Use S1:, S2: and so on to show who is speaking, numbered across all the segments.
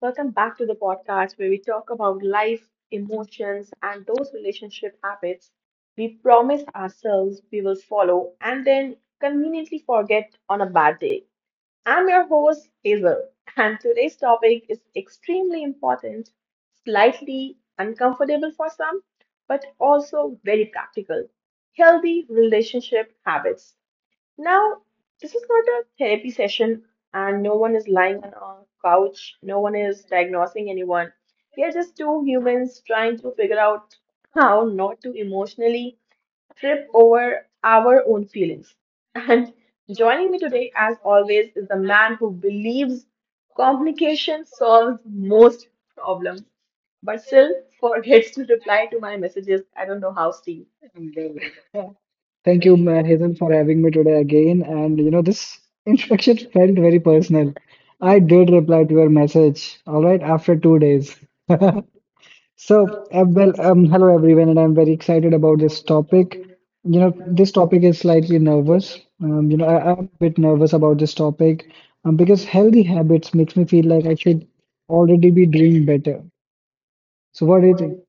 S1: Welcome back to the podcast where we talk about life, emotions, and those relationship habits we promise ourselves we will follow and then conveniently forget on a bad day. I'm your host, Hazel, and today's topic is extremely important, slightly uncomfortable for some, but also very practical. Healthy relationship habits. Now, this is not a therapy session, and no one is lying on a couch, no one is diagnosing anyone. We are just two humans trying to figure out how not to emotionally trip over our own feelings. And joining me today, as always, is the man who believes complication solves most problems, but still forgets to reply to my messages. I don't know how, Steve.
S2: Well, Thank you, Hazel, for having me today again. And this introduction felt very personal. I did reply to your message, all right, after 2 days. So, well, hello everyone, and I'm very excited about this topic. This topic is slightly nervous. I'm a bit nervous about this topic because healthy habits makes me feel like I should already be doing better. So, what do you think?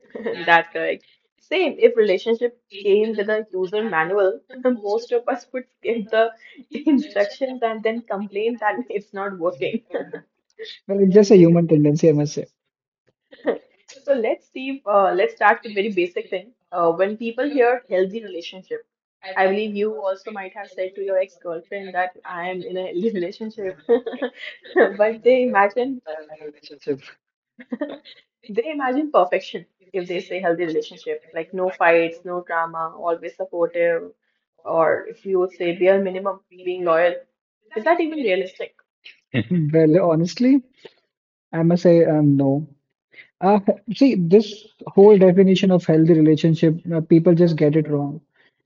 S1: That's correct. Same, if relationship came with a user manual, most of us would skip the instructions and then complain that it's not working.
S2: Well, it's just a human tendency, I must say.
S1: So let's see, let's start with very basic thing. When people hear healthy relationship, I believe you also might have said to your ex-girlfriend that I am in a healthy relationship, but they imagine they imagine perfection if they say healthy relationship, like no fights, no drama, always supportive, or if you would say bare minimum, being loyal. Is that even realistic?
S2: Well, honestly, I must say no. Uh, see, this whole definition of healthy relationship, people just get it wrong.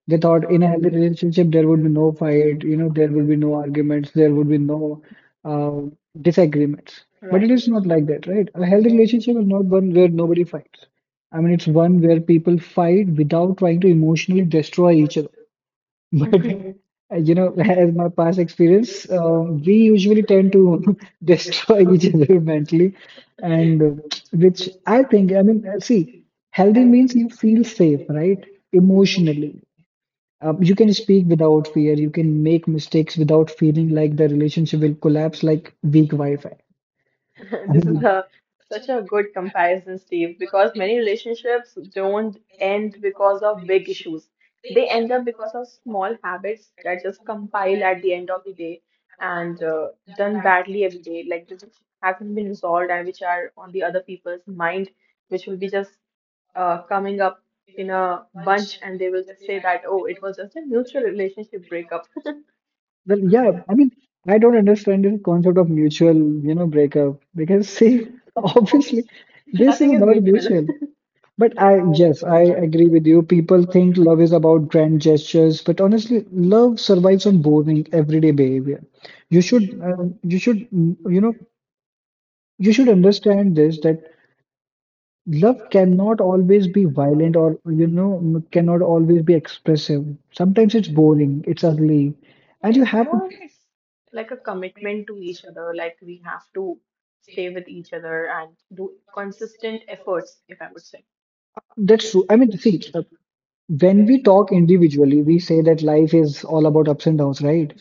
S2: They thought in a healthy relationship there would be no fight, there would be no arguments, there would be no uh, disagreements. But
S1: Right.
S2: it is not like that, right? A healthy relationship is not one where nobody fights. I mean, it's one where people fight without trying to emotionally destroy each other. But as my past experience, we usually tend to destroy each other mentally, and which I think, I mean, see, healthy means you feel safe, right? Emotionally, you can speak without fear. You can make mistakes without feeling like the relationship will collapse like weak Wi-Fi. I
S1: This is
S2: mean,
S1: a, such a good comparison, Steve, because many relationships don't end because of big issues. They end up because of small habits that just compile at the end of the day and done badly every day, like which haven't been resolved and which are on the other people's mind, which will be just coming up in a bunch and they will just say that, oh, it was just a mutual relationship breakup.
S2: well, yeah, I mean, I don't understand the concept of mutual, breakup because see, obviously, this is
S1: Nothing is
S2: not
S1: mutual.
S2: mutual. But yes, I agree with you. People think love is about grand gestures, but honestly, love survives on boring, everyday behavior. You should, uh, you should, mm, you know, you should understand this that love cannot always be violent or cannot always be expressive. Sometimes it's boring, it's ugly, and
S1: Yes, moreover, it's like a commitment to each other. Like we have to stay with each other and do consistent efforts, if I would say.
S2: that's true. I mean, see, when we talk individually, we say that life is all about ups and downs, right?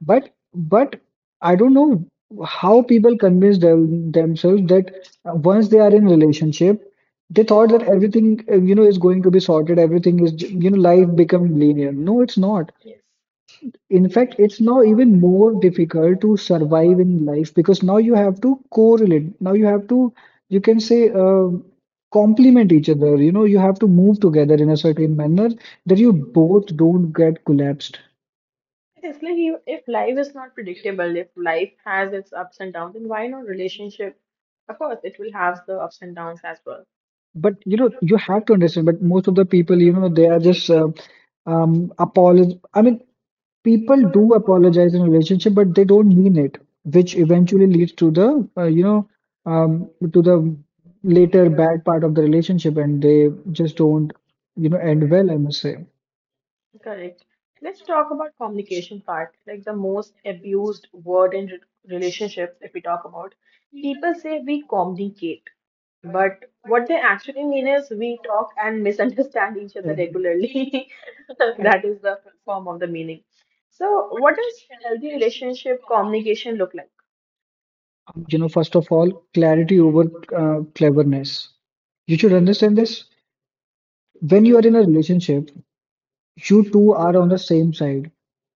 S2: But but I don't know how people convince themselves that once they are in relationship, they thought that everything is going to be sorted. Everything is life become linear. No, it's not.
S1: Yes.
S2: In fact, it's now even more difficult to survive in life because now you have to correlate. Now you have to you can say complement each other. You have to move together in a certain manner that you both don't get collapsed.
S1: It's like you, if life is not predictable, if life has its ups and downs, then why not relationship? Of course, it will have the ups and downs as well.
S2: But you have to understand. But most of the people, they are just apologize. I mean, people do apologize in a relationship, but they don't mean it, which eventually leads to the later bad part of the relationship, and they just don't end well. I must say.
S1: Correct. Let's talk about communication part, like the most abused word in relationships. If we talk about, people say we communicate, but what they actually mean is we talk and misunderstand each other
S2: Mm.
S1: regularly.
S2: And,
S1: That is the form of the meaning. So, what does healthy relationship communication look like?
S2: first of all, clarity over cleverness. You should understand this. When you are in a relationship, you two are on the same side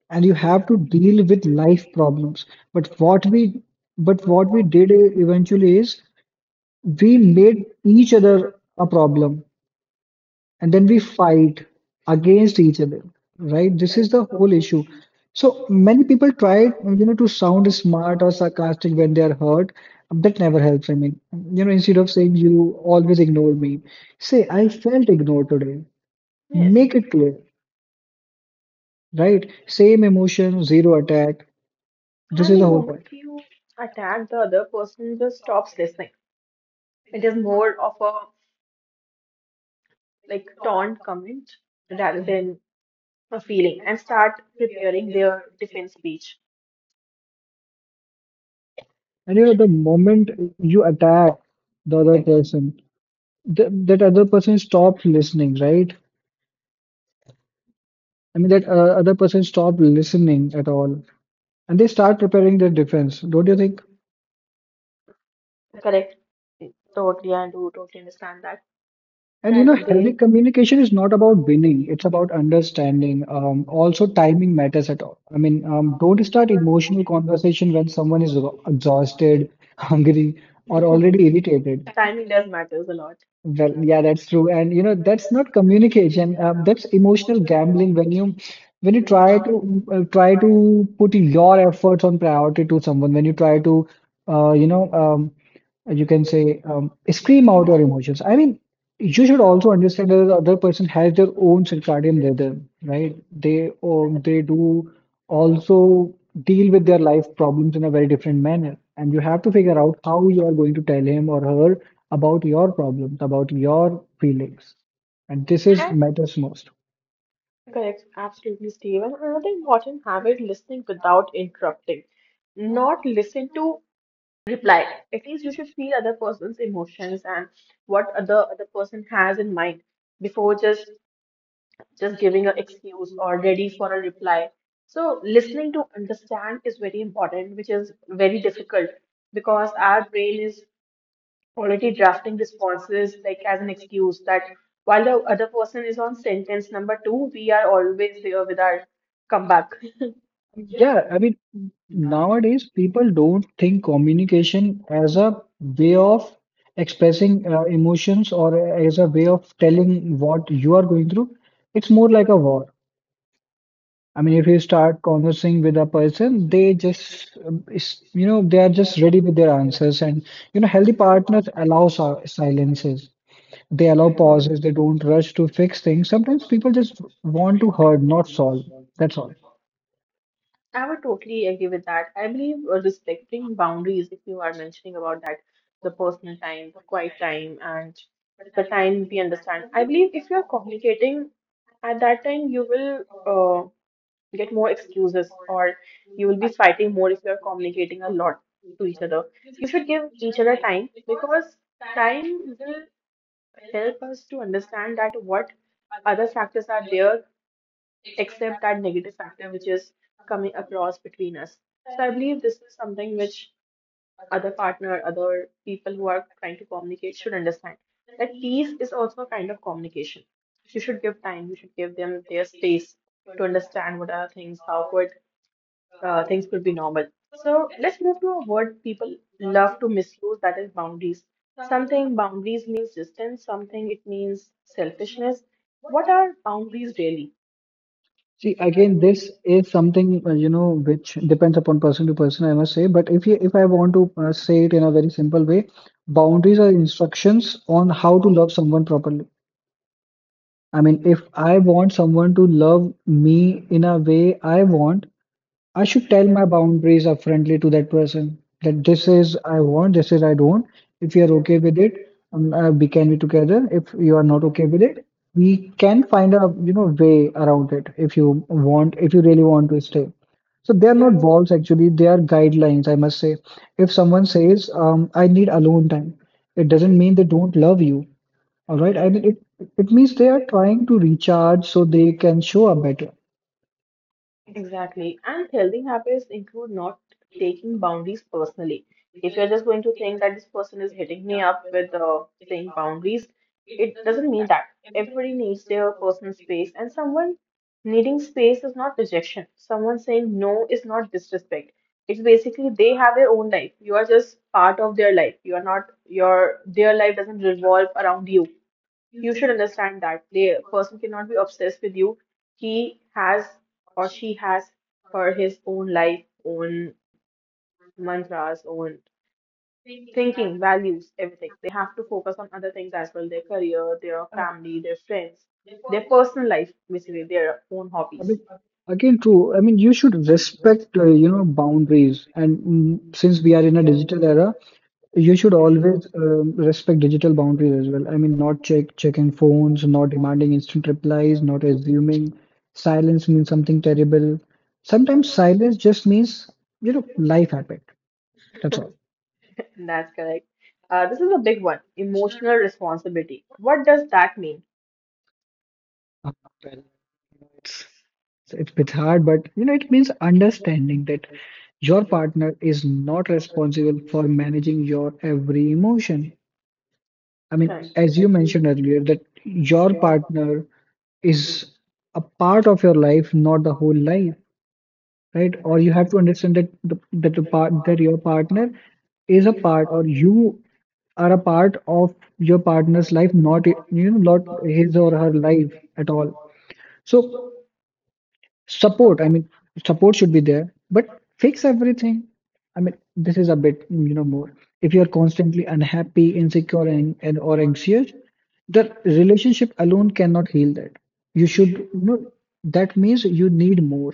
S2: and you have to deal with life problems. But what we did eventually is we made each other a problem and then we fight against each other, right? This is
S1: That's
S2: the whole issue.
S1: issue.
S2: So
S1: So
S2: many
S1: many
S2: people
S1: people try
S2: try, to
S1: to
S2: sound
S1: sound
S2: smart or
S1: smart or
S2: sarcastic when they are hurt. That never
S1: Got
S2: helps. I mean, instead of saying you always
S1: it.
S2: ignore me, say I felt ignored today.
S1: Yes.
S2: Make
S1: Make it
S2: it
S1: clear.
S2: clear. Right? Same emotion, zero attack. This
S1: And
S2: is
S1: the
S2: the
S1: You know,
S2: whole
S1: moment
S2: point.
S1: you attack the other person, just stops listening. It is more of a like taunt comment rather Mhm. than a feeling, and start preparing their defense speech.
S2: And the moment you attack the other person, th that other person stops listening, right? I mean, that other person stops listening at all, and they start preparing their defense, don't you think?
S1: Correct. Totally, I do totally understand that.
S2: And
S1: That they.
S2: healthy communication is
S1: It's
S2: not
S1: not
S2: about
S1: about
S2: winning;
S1: winning.
S2: it's about understanding. Also, timing matters at all. I mean, don't start emotional conversation when someone is exhausted, hungry, or already irritated.
S1: Timing does matters a lot.
S2: Well, yeah, that's true. And that's not communication. That's emotional gambling when you try to put your efforts on priority to someone, when you try to you know you can say scream out your emotions. I mean, you should also understand that the other person has their own circadian rhythm, right? They um,
S1: Yeah,
S2: they do also deal with their life problems in a very different manner, and you have to figure out how you are going to tell him or her about your problems, about your feelings, and this is matters most.
S1: correct, absolutely, Steve. And another important habit listening without interrupting. Not listen to reply. At least you should feel other person's emotions and what other person has in mind before just giving an excuse or ready for a reply. So listening to understand is very important, which is very difficult because our brain is already drafting responses like as an excuse that while the other person is on sentence number two, we are always there with our comeback.
S2: Yeah, I mean, nowadays people don't think communication as a way of expressing emotions or as a way of telling what you are going through. It's more like a war. I mean, if you start conversing with a person, they just, they are just ready with their answers. And, healthy partners allow silences. They allow
S1: Yeah.
S2: pauses. They don't rush to fix things. Sometimes people just want to hurt, not solve. That's all.
S1: I would totally agree with that. I believe respecting boundaries, if you are mentioning about that, the personal time, the quiet time, and the time we understand. I believe if you're communicating at that time, you will get more excuses or you will be fighting more if you're communicating a lot to each other. You should give each other time because time will help us to understand that what other factors are there accept that negative factor which is coming across between us. So I believe this is something which other partner, other people who are trying to communicate should understand that peace is also a kind of communication. You should give time, you should give them their space to understand what are things, how could things could be normal. So let's move to a word people love to misuse that is boundaries. Something boundaries means distance, something it means selfishness. What are boundaries really?
S2: See, again, this is something, which depends upon person to person, I must say. But if I want to say it in a very simple way, boundaries are instructions on how to love someone properly. I mean, if I want someone to love me in a way I want, I should tell my boundaries upfrontly to that person that this is I want, this is I don't. If you're okay with it, we can be together. If you are not okay with it, we can find a way around it if you want, if you really want to stay. So they are not walls actually, they are guidelines, I must say. If someone says, I need alone time, it doesn't mean they don't love you. All right. I mean it means they are trying to recharge so they can show up better.
S1: Exactly. And healthy habits include not taking boundaries personally. If you're just going to think that this person is hitting me up with saying boundaries, it doesn't mean that. Everybody needs their personal space, and someone needing space is not rejection. Someone saying no is not disrespect. It's basically they have their own life. You are just part of their life. You are not, your, their life doesn't revolve around you should understand that the person cannot be obsessed with you. He has or she has her his own life, own mantras, own thinking, values, everything. They have to focus on other things as well, their career, their family, their friends, their personal life, basically their own
S2: I
S1: hobbies.
S2: mean, again, true. I mean, you should respect, boundaries. And since we are in a digital era, you should always respect digital boundaries as well. I mean, not checking phones, not demanding instant replies, not assuming silence means something terrible. Sometimes silence just means, life happened. That's all.
S1: That's correct. This is a big one, emotional responsibility. What does that mean?
S2: Uh, well, so it's a bit hard, but it means understanding that your partner is not responsible for managing your every emotion. I mean,
S1: Correct.
S2: as you mentioned earlier, that your partner is a part of your life, not the whole life, right? Or you
S1: Right.
S2: have to understand that that the part that your partner is a part, or you are a part of your partner's life, not not his or her life at all. So. Support, I mean, support should be there, but fix everything. I mean, this is a bit, more. If you're constantly unhappy, insecure, and or anxious, the relationship alone cannot heal that. You should, that means you need more.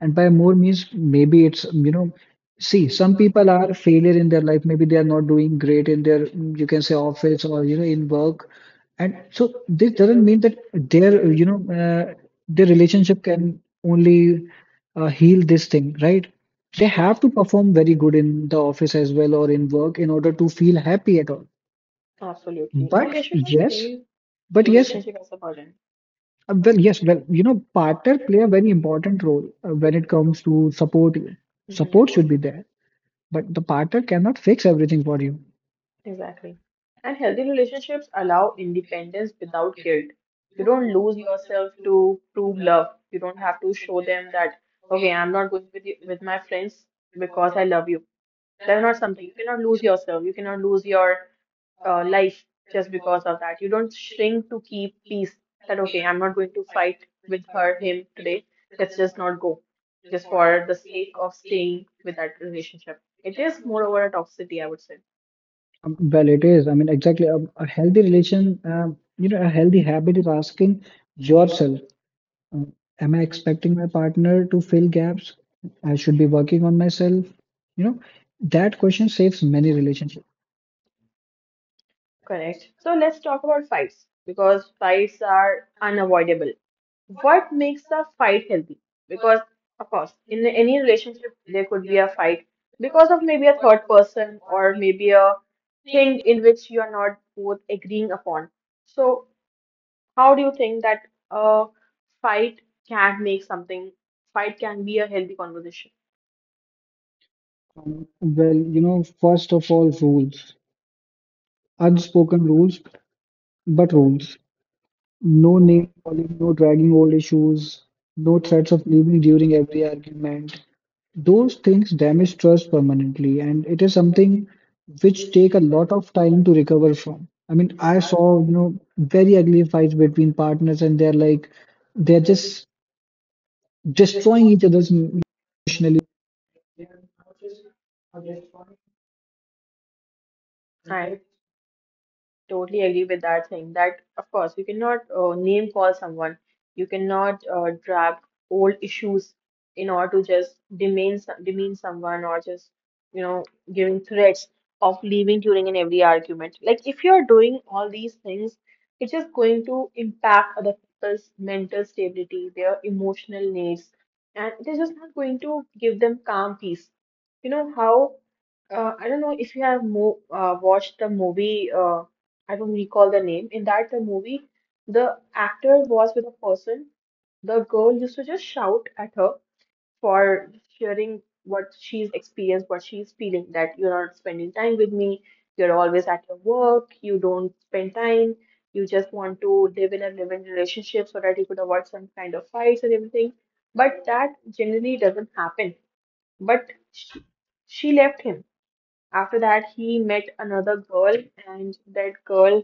S2: And by more means, maybe it's, see, some people are failure in their life. Maybe they are not doing great in their, you can say, office or, in work. And so this doesn't mean that their relationship can only heal this thing, right? They have to perform very good in the office as well or in work in order to feel happy at all.
S1: Absolutely. And they
S2: But
S1: shouldn't
S2: yes,
S1: feel
S2: but yes,
S1: relationship as a burden.
S2: well, yes, well, partner play a very important role when it comes to support you.
S1: Mhm.
S2: Support should be there, but the partner cannot fix everything for you.
S1: Exactly. And healthy relationships allow independence without guilt. You don't lose yourself to prove love. You don't have to show them that, okay, I'm not going with you, with my friends because I love you. That's not something. You cannot lose yourself. You cannot lose your life just because of that. You don't shrink to keep peace. That, okay, I'm not going to fight with her, him today. Let's just not go. Just for the sake of staying with that relationship. It is, moreover, a toxicity, I would say.
S2: Well, it is. I mean, exactly. A healthy habit is asking yourself, um, am I expecting my partner to fill gaps? I should be working on myself. You know, that question saves many relationships.
S1: Correct. So let's talk about fights because fights are unavoidable. What makes a fight healthy? Because, of course, in any relationship, there could be a fight because of maybe a third person or maybe a thing in which you are not both agreeing upon. So, how do you think that a fight can make something, fight can be a healthy conversation?
S2: Well, first of all, rules, unspoken rules, but rules. No name-calling, no dragging old issues, no threats of leaving during every argument. Those things damage trust permanently, and it is something which take a lot of time to recover from. I mean, I saw, very ugly fights between partners, and they're like, they're just destroying each other's emotionally
S1: Right. Totally agree with that thing that, of course, you cannot name call someone. You cannot drag old issues in order to just demean demean someone or just, you know, giving threats of leaving during an every argument. Like if you're doing all these things, it's just going to impact other people's mental stability, their emotional needs, and it is just not going to give them calm peace. You know how I don't know if you have mo watched the movie. I don't recall the name. In that the movie, the actor was with a person. The girl used to just shout at her for sharing what she's experienced, what she's feeling, that you're not spending time with me, you're always at your work, you don't spend time, you just want to live in a live-in relationship so that you could avoid some kind of fights and everything. But that generally doesn't happen. But she, she left him. After that, he met another girl, and that girl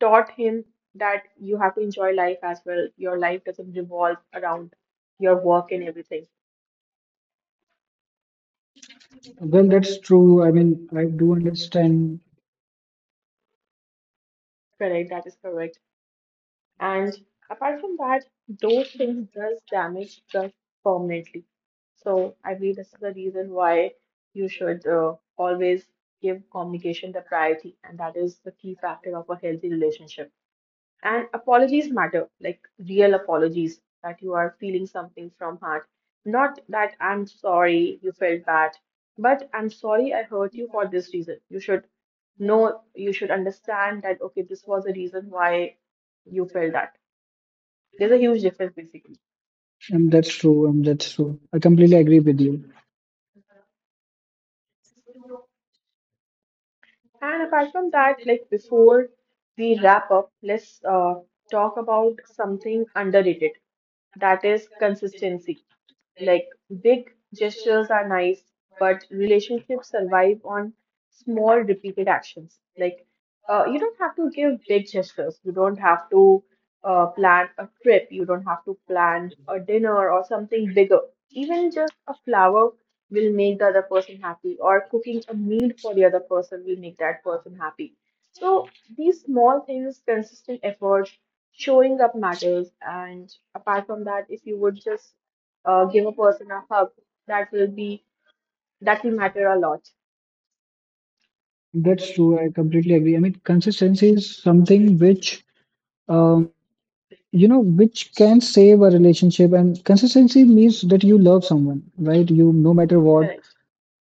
S1: taught him that you have to enjoy life as well. Your life doesn't revolve around your work and everything.
S3: Well, that's true. I mean, I do understand,
S1: Correct, that is correct. And apart from that, those things does damage trust permanently. So I believe this is the reason why you should always give communication the priority, and that is the key factor of a healthy relationship. And apologies matter, like real apologies that you are feeling something from heart. Not that I'm sorry you felt bad, but I'm sorry I hurt you for this reason. You should know, you should understand that, okay, this was the reason why you felt that. There's a huge difference basically.
S3: and that's true, and that's true. I completely agree with you.
S1: And apart from that, like before we wrap up, let's talk about something underrated, that is consistency Like big gestures are nice, but relationships survive on small repeated actions. Like you don't have to give big gestures. You don't have to plan a trip. You don't have to plan a dinner or something bigger. Even just a flower will make the other person happy, or cooking a meal for the other person will make that person happy. So these small things, consistent effort, showing up matters. And apart from that, if you would just give a person a hug, that will be that will matter a lot.
S3: That's true. I completely agree. I mean, consistency is something um, which can save a relationship. And consistency means that you love someone, right? You, no matter what,
S1: Correct.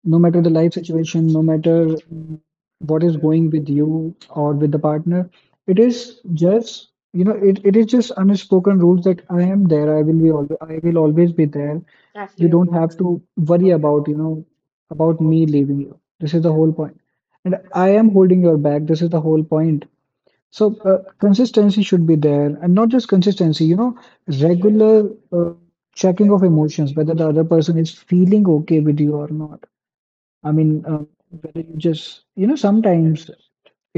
S3: no matter the life situation, no matter what is going with you or with the partner. It is just, you know, it is just unspoken rules that I am there. I will always be there. You don't have
S1: Absolutely.
S3: to worry about me leaving you. This is the whole point, and I am holding your back. This is the whole point. So consistency should be there, and not just consistency, regular uh, checking of emotions, whether the other person is feeling okay with you or not. I mean, whether you just you know sometimes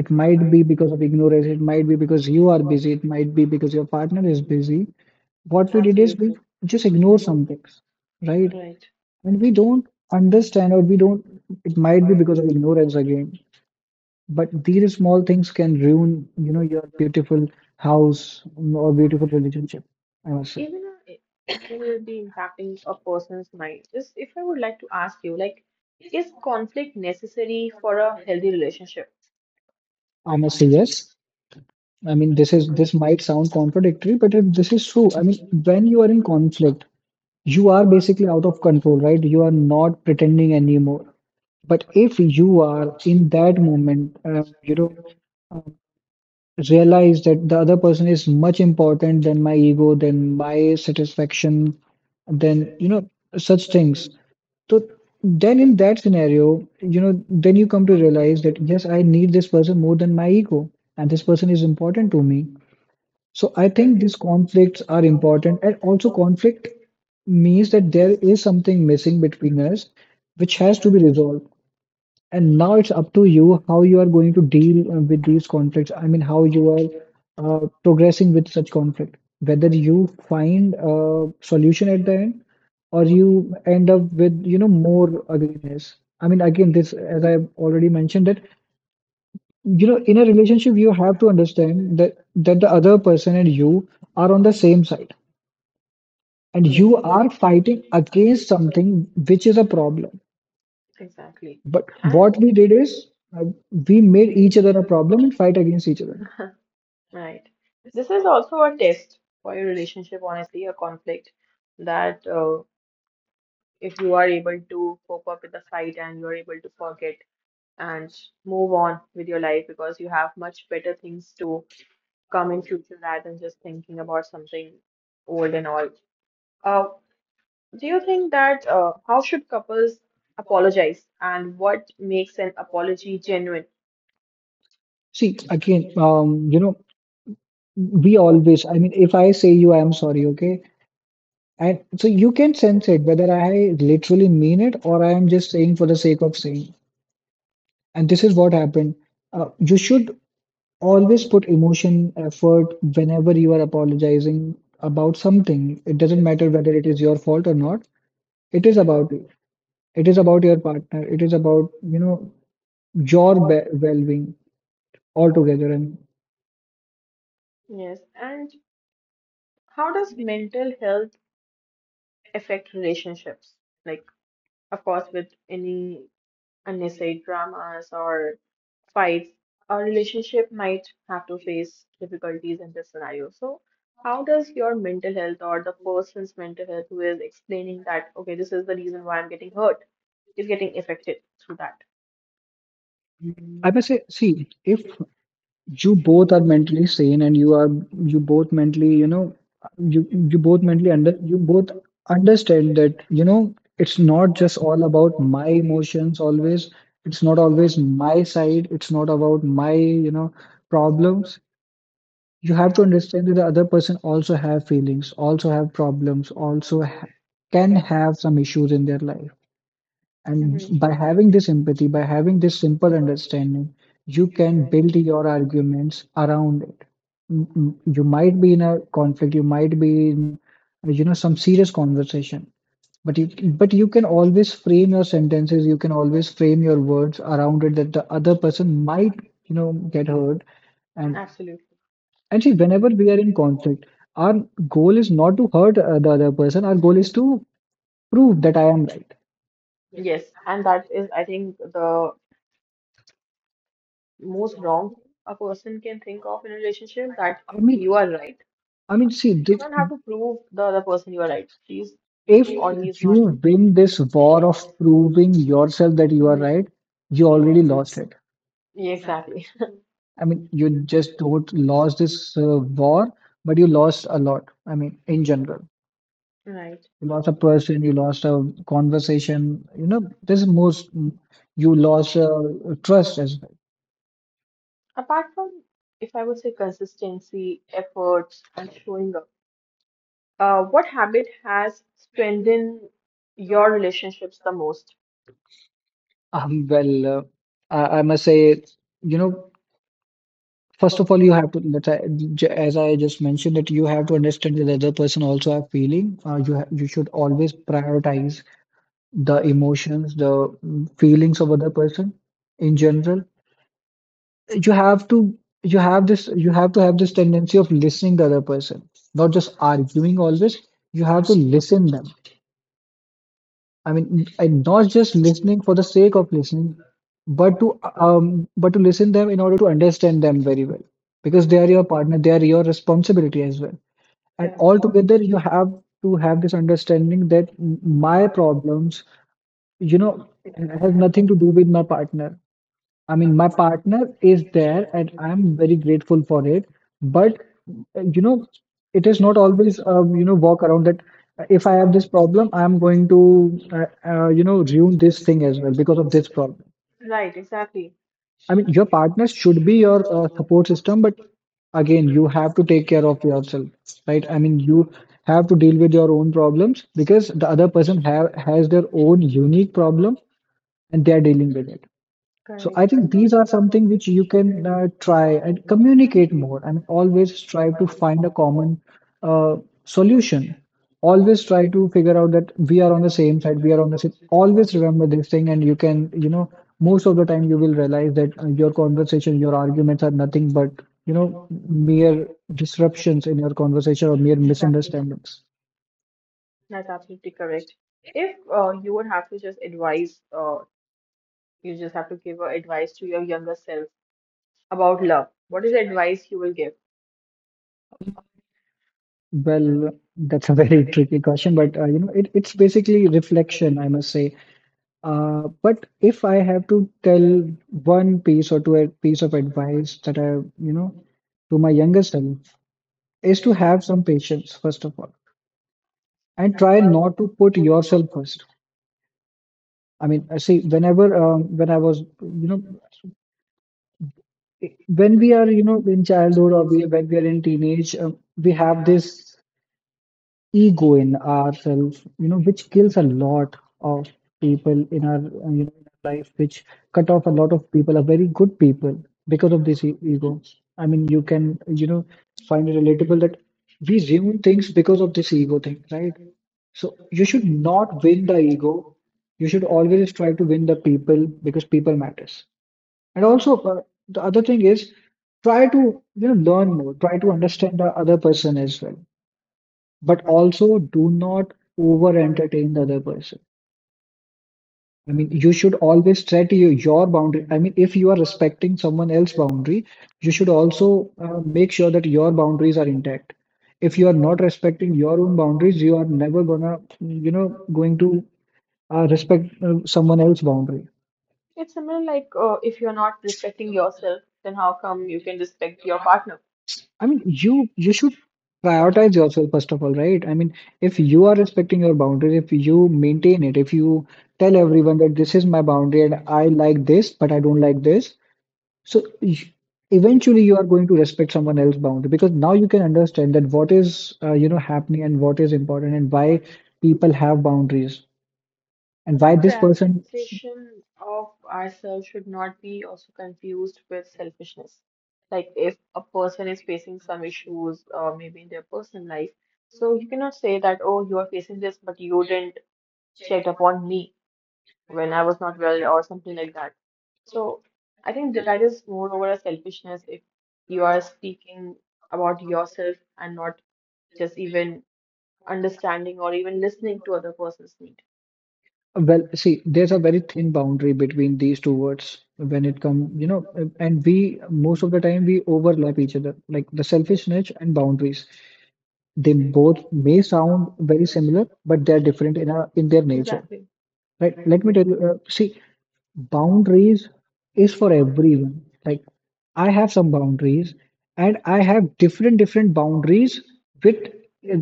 S3: it might be because of ignorance. It might be because you are busy. It might be because your partner is busy. What we did is we
S1: Absolutely.
S3: just ignore some things, right?
S1: Right.
S3: And we don't understand, or we don't, it might be because of ignorance again, but these small things can ruin your beautiful house or beautiful relationship. I must say,
S1: Even it will be impacting a person's mind. Just if I would like to ask you, like, is conflict necessary for a healthy relationship?
S3: I must say, yes. I mean, this might sound contradictory, but this is true. I mean, when you are in conflict, you are basically out of control, right? You are not pretending anymore. But if you are in that moment, uh, realize that the other person is much important than my ego, than my satisfaction, than such things. So then in that scenario, then you come to realize that yes, I need this person more than my ego, and this person is important to me. So I think these conflicts are important, and also conflict means that there is something missing between us, which has to be resolved. And now it's up to you how you are going to deal with these conflicts. I mean, how you are progressing with such conflict. Whether you find a solution at the end, or you end up with more ugliness. I mean, again, this, as I have already mentioned, that, in a relationship, you have to understand that the other person and you are on the same side, and
S1: Yes.
S3: you are fighting against something which is a problem.
S1: Exactly.
S3: But
S1: And
S3: what we did is uh, we made each other a problem and fight against each other.
S1: Right. This is also a test for your relationship, honestly, a conflict that if you are able to cope up with the fight and you're able to forget and move on with your life because you have much better things to come in future rather than just thinking about something old and all. Uh, do you think that how should couples apologize and what makes an apology genuine?
S3: See, again, I mean, if I say you, I am sorry, okay? And so you can sense it, whether I literally mean it or I am just saying for the sake of saying. And this is what happened. You should always put emotion, effort whenever you are apologizing about something. It doesn't matter whether it is your fault or not. It is about you. It is about your partner. It is about your well-being altogether. And
S1: Yes, and how does mental health affect relationships? Like, of course, with any unnecessary dramas or fights, a relationship might have to face difficulties in this scenario. So, how does your mental health or the person's mental health who is explaining that, okay, this is the reason why I'm getting hurt, is getting affected through that?
S3: I may say, see, if you both are mentally sane, and you both mentally you know you you both understand that it's not just all about my emotions always. It's not always my side. It's not about my problems. You have to understand that the other person also have feelings, also have problems, can have some issues in their life. And by having this empathy, by having this simple understanding, you can build your arguments around it. You might be in a conflict. You might be in some serious conversation, but you can always frame your sentences. You can always frame your words around it, that the other person might get hurt. And
S1: Absolutely.
S3: and see, whenever we are in conflict, our goal is not to hurt the other person. Our goal is to prove that I am right.
S1: Yes. And that is, I think, the most wrong thing a person can think of in a relationship that
S3: I mean.
S1: you are right.
S3: I mean, see,
S1: You don't have to prove the other person you are right. She's
S3: if
S1: or he is not.
S3: you win this war of proving yourself that you are
S1: Mhm.
S3: right, you already lost it.
S1: Yeah, exactly.
S3: I mean, you just don't lost this war, but you lost a lot. I mean, in general,
S1: Right.
S3: you lost a person, you lost a conversation. You know, this is most you lost trust as well.
S1: Apart from, if I would say consistency, efforts, and showing up, what habit has strengthened your relationships the most?
S3: Well, I must say, you know, First of all, you have to, as I just mentioned, that you have to understand that the other person also have feeling. You should always prioritize the emotions, the feelings of other person in general. You have to you have this you have to have this tendency of listening the other person, not just arguing always. You have to listen them. I mean, and not just listening for the sake of listening, but to listen them in order to understand them very well, because they are your partner, they are your responsibility as well. And
S1: Correct.
S3: all together, you have to have this understanding that my problems, you know, has nothing to do with my partner. I mean, my partner is there, and I'm very grateful for it. But, uh, you know, it is not always walk around, that if I have this problem, I'm going to ruin this thing as well because of this problem.
S1: Right, exactly.
S3: I mean, your partner should be your support system, but again, you have to take care of yourself, right? I mean, you have to deal with your own problems because the other person have has their own unique problem, and they are dealing with it. So
S1: Correct.
S3: I think
S1: So
S3: these are something
S1: So,
S3: which you can try and communicate more. I mean, always strive to find a common uh, solution. Always try to figure out that we are on the same side, we are on the same. Always remember this thing, and you can, most of the time you will realize that your conversation, your arguments are nothing but, you know, mere disruptions in your conversation or mere
S1: Exactly.
S3: misunderstandings.
S1: That's absolutely correct. If you would have to just advise, you just have to give a advice to your younger self about love, what is the advice you will give?
S3: Well, that's a very tricky question, but it's basically reflection, I must say. But if I have to tell one piece or two, a piece of advice that you know, to my younger self is to have some patience, first of all, and try not to put yourself first. I mean, I see, when we are, you know, in childhood, or when we are in teenage, we have this ego in ourselves, which kills a lot of people in our life, which cut off a lot of people, are very good people, because of this ego. I mean, you can find it relatable that we ruin things because of this ego thing, right? So you should not win the ego. You should always try to win the people because people matters. And
S1: Hmm.
S3: also, the other thing is try to learn more, try to understand the other person as well, but also do not over entertain the other person. I mean, you
S1: That's
S3: should always set your boundary. I mean, if you are respecting someone else's boundary, you should also make sure that your boundaries are intact. If you are not respecting your own boundaries, you are never going to respect someone else's boundary.
S1: It's similar like if you're not respecting yourself, then how come you can respect your partner?
S3: I mean, you should prioritize yourself first of all, right? I mean, if you are respecting your boundaries, if you maintain it, if you tell everyone that this is my boundary and I like this, but I don't like this, so eventually you are going to respect someone else's boundary, because now you can understand that what is happening, and what is important, and why people have boundaries, and why
S1: But
S3: this person.
S1: prioritization of ourselves should not be also confused with selfishness. Like if a person is facing some issues, maybe in their personal life, so you cannot say that, oh, you are facing this, but you didn't check upon me when I was not well or something like that. So I think that is more over a selfishness if you are speaking about yourself and not just even understanding or even listening to other person's needs.
S3: Well, see, there's a very thin boundary between these two words when it come, and we most of the time we overlap each other. Like, the selfishness and boundaries, they both may sound very similar, but they're different in their nature,
S1: Exactly.
S3: right? Let me tell you. See, boundaries is for everyone. Like, I have some boundaries, and I have different different boundaries with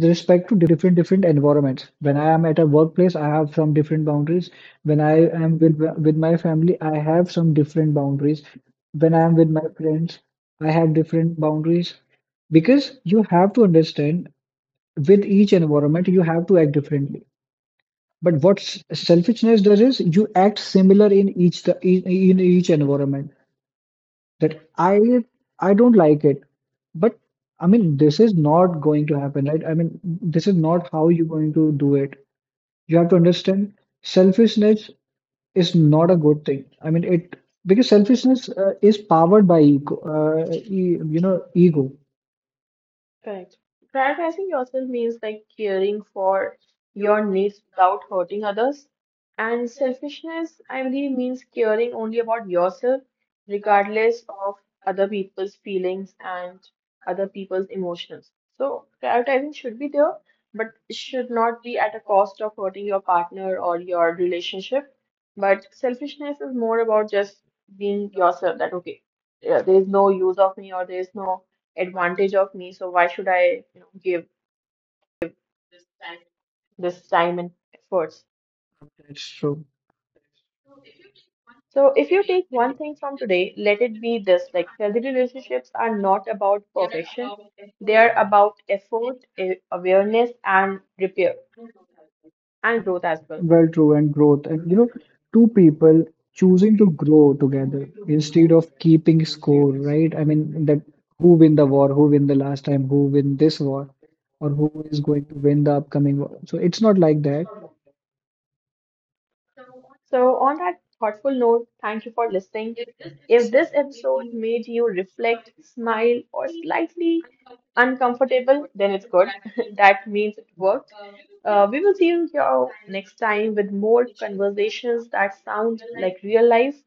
S3: respect to different different environments. When I am at a workplace, I have some different boundaries. When I am with my family, I have some different boundaries. When I am with my friends, I have different boundaries, because you have to understand, with each environment, you have to act differently. But what selfishness does is you act similar in each environment, that I don't like it. But I mean, this is not going to happen, right? I mean, this is not how you're going to do it. You have to understand selfishness is not a good thing. I mean it, because selfishness is powered by ego, e, you know ego.
S1: Correct. Prioritizing yourself means like caring for your needs without hurting others. And selfishness, I believe, means caring only about yourself, regardless of other people's feelings and other people's emotions. So, prioritizing should be there, but it should not be at a cost of hurting your partner or your relationship. But selfishness is more about just being yourself that, okay, yeah, there's no use of me or there's no advantage of me, so why should I, you know, give this time and efforts?
S3: That's true.
S1: So if you take one thing from today, let it be this, like healthy relationships are not about perfection. They are about effort, awareness, and repair and growth as well.
S3: Well, true, and growth. And two people choosing to grow together instead of keeping score, right? I mean, that who win the war, who win the last time, who win this war, or who is going to win the upcoming war. So it's not like that.
S1: So, on that thoughtful note, thank you for listening. If this episode made you reflect, smile, or slightly uncomfortable, then it's good. That means it worked. We will see you here next time with more conversations that sound like real life.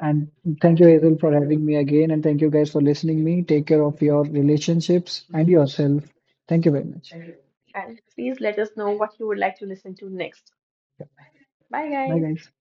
S3: And thank you, Hazel, for having me again. And thank you guys for listening me. Take care of your relationships and yourself. Thank you very much.
S1: And please let us know what you would like to listen to next.
S3: Yeah.
S1: Bye,
S3: Bye,
S1: guys.
S3: guys.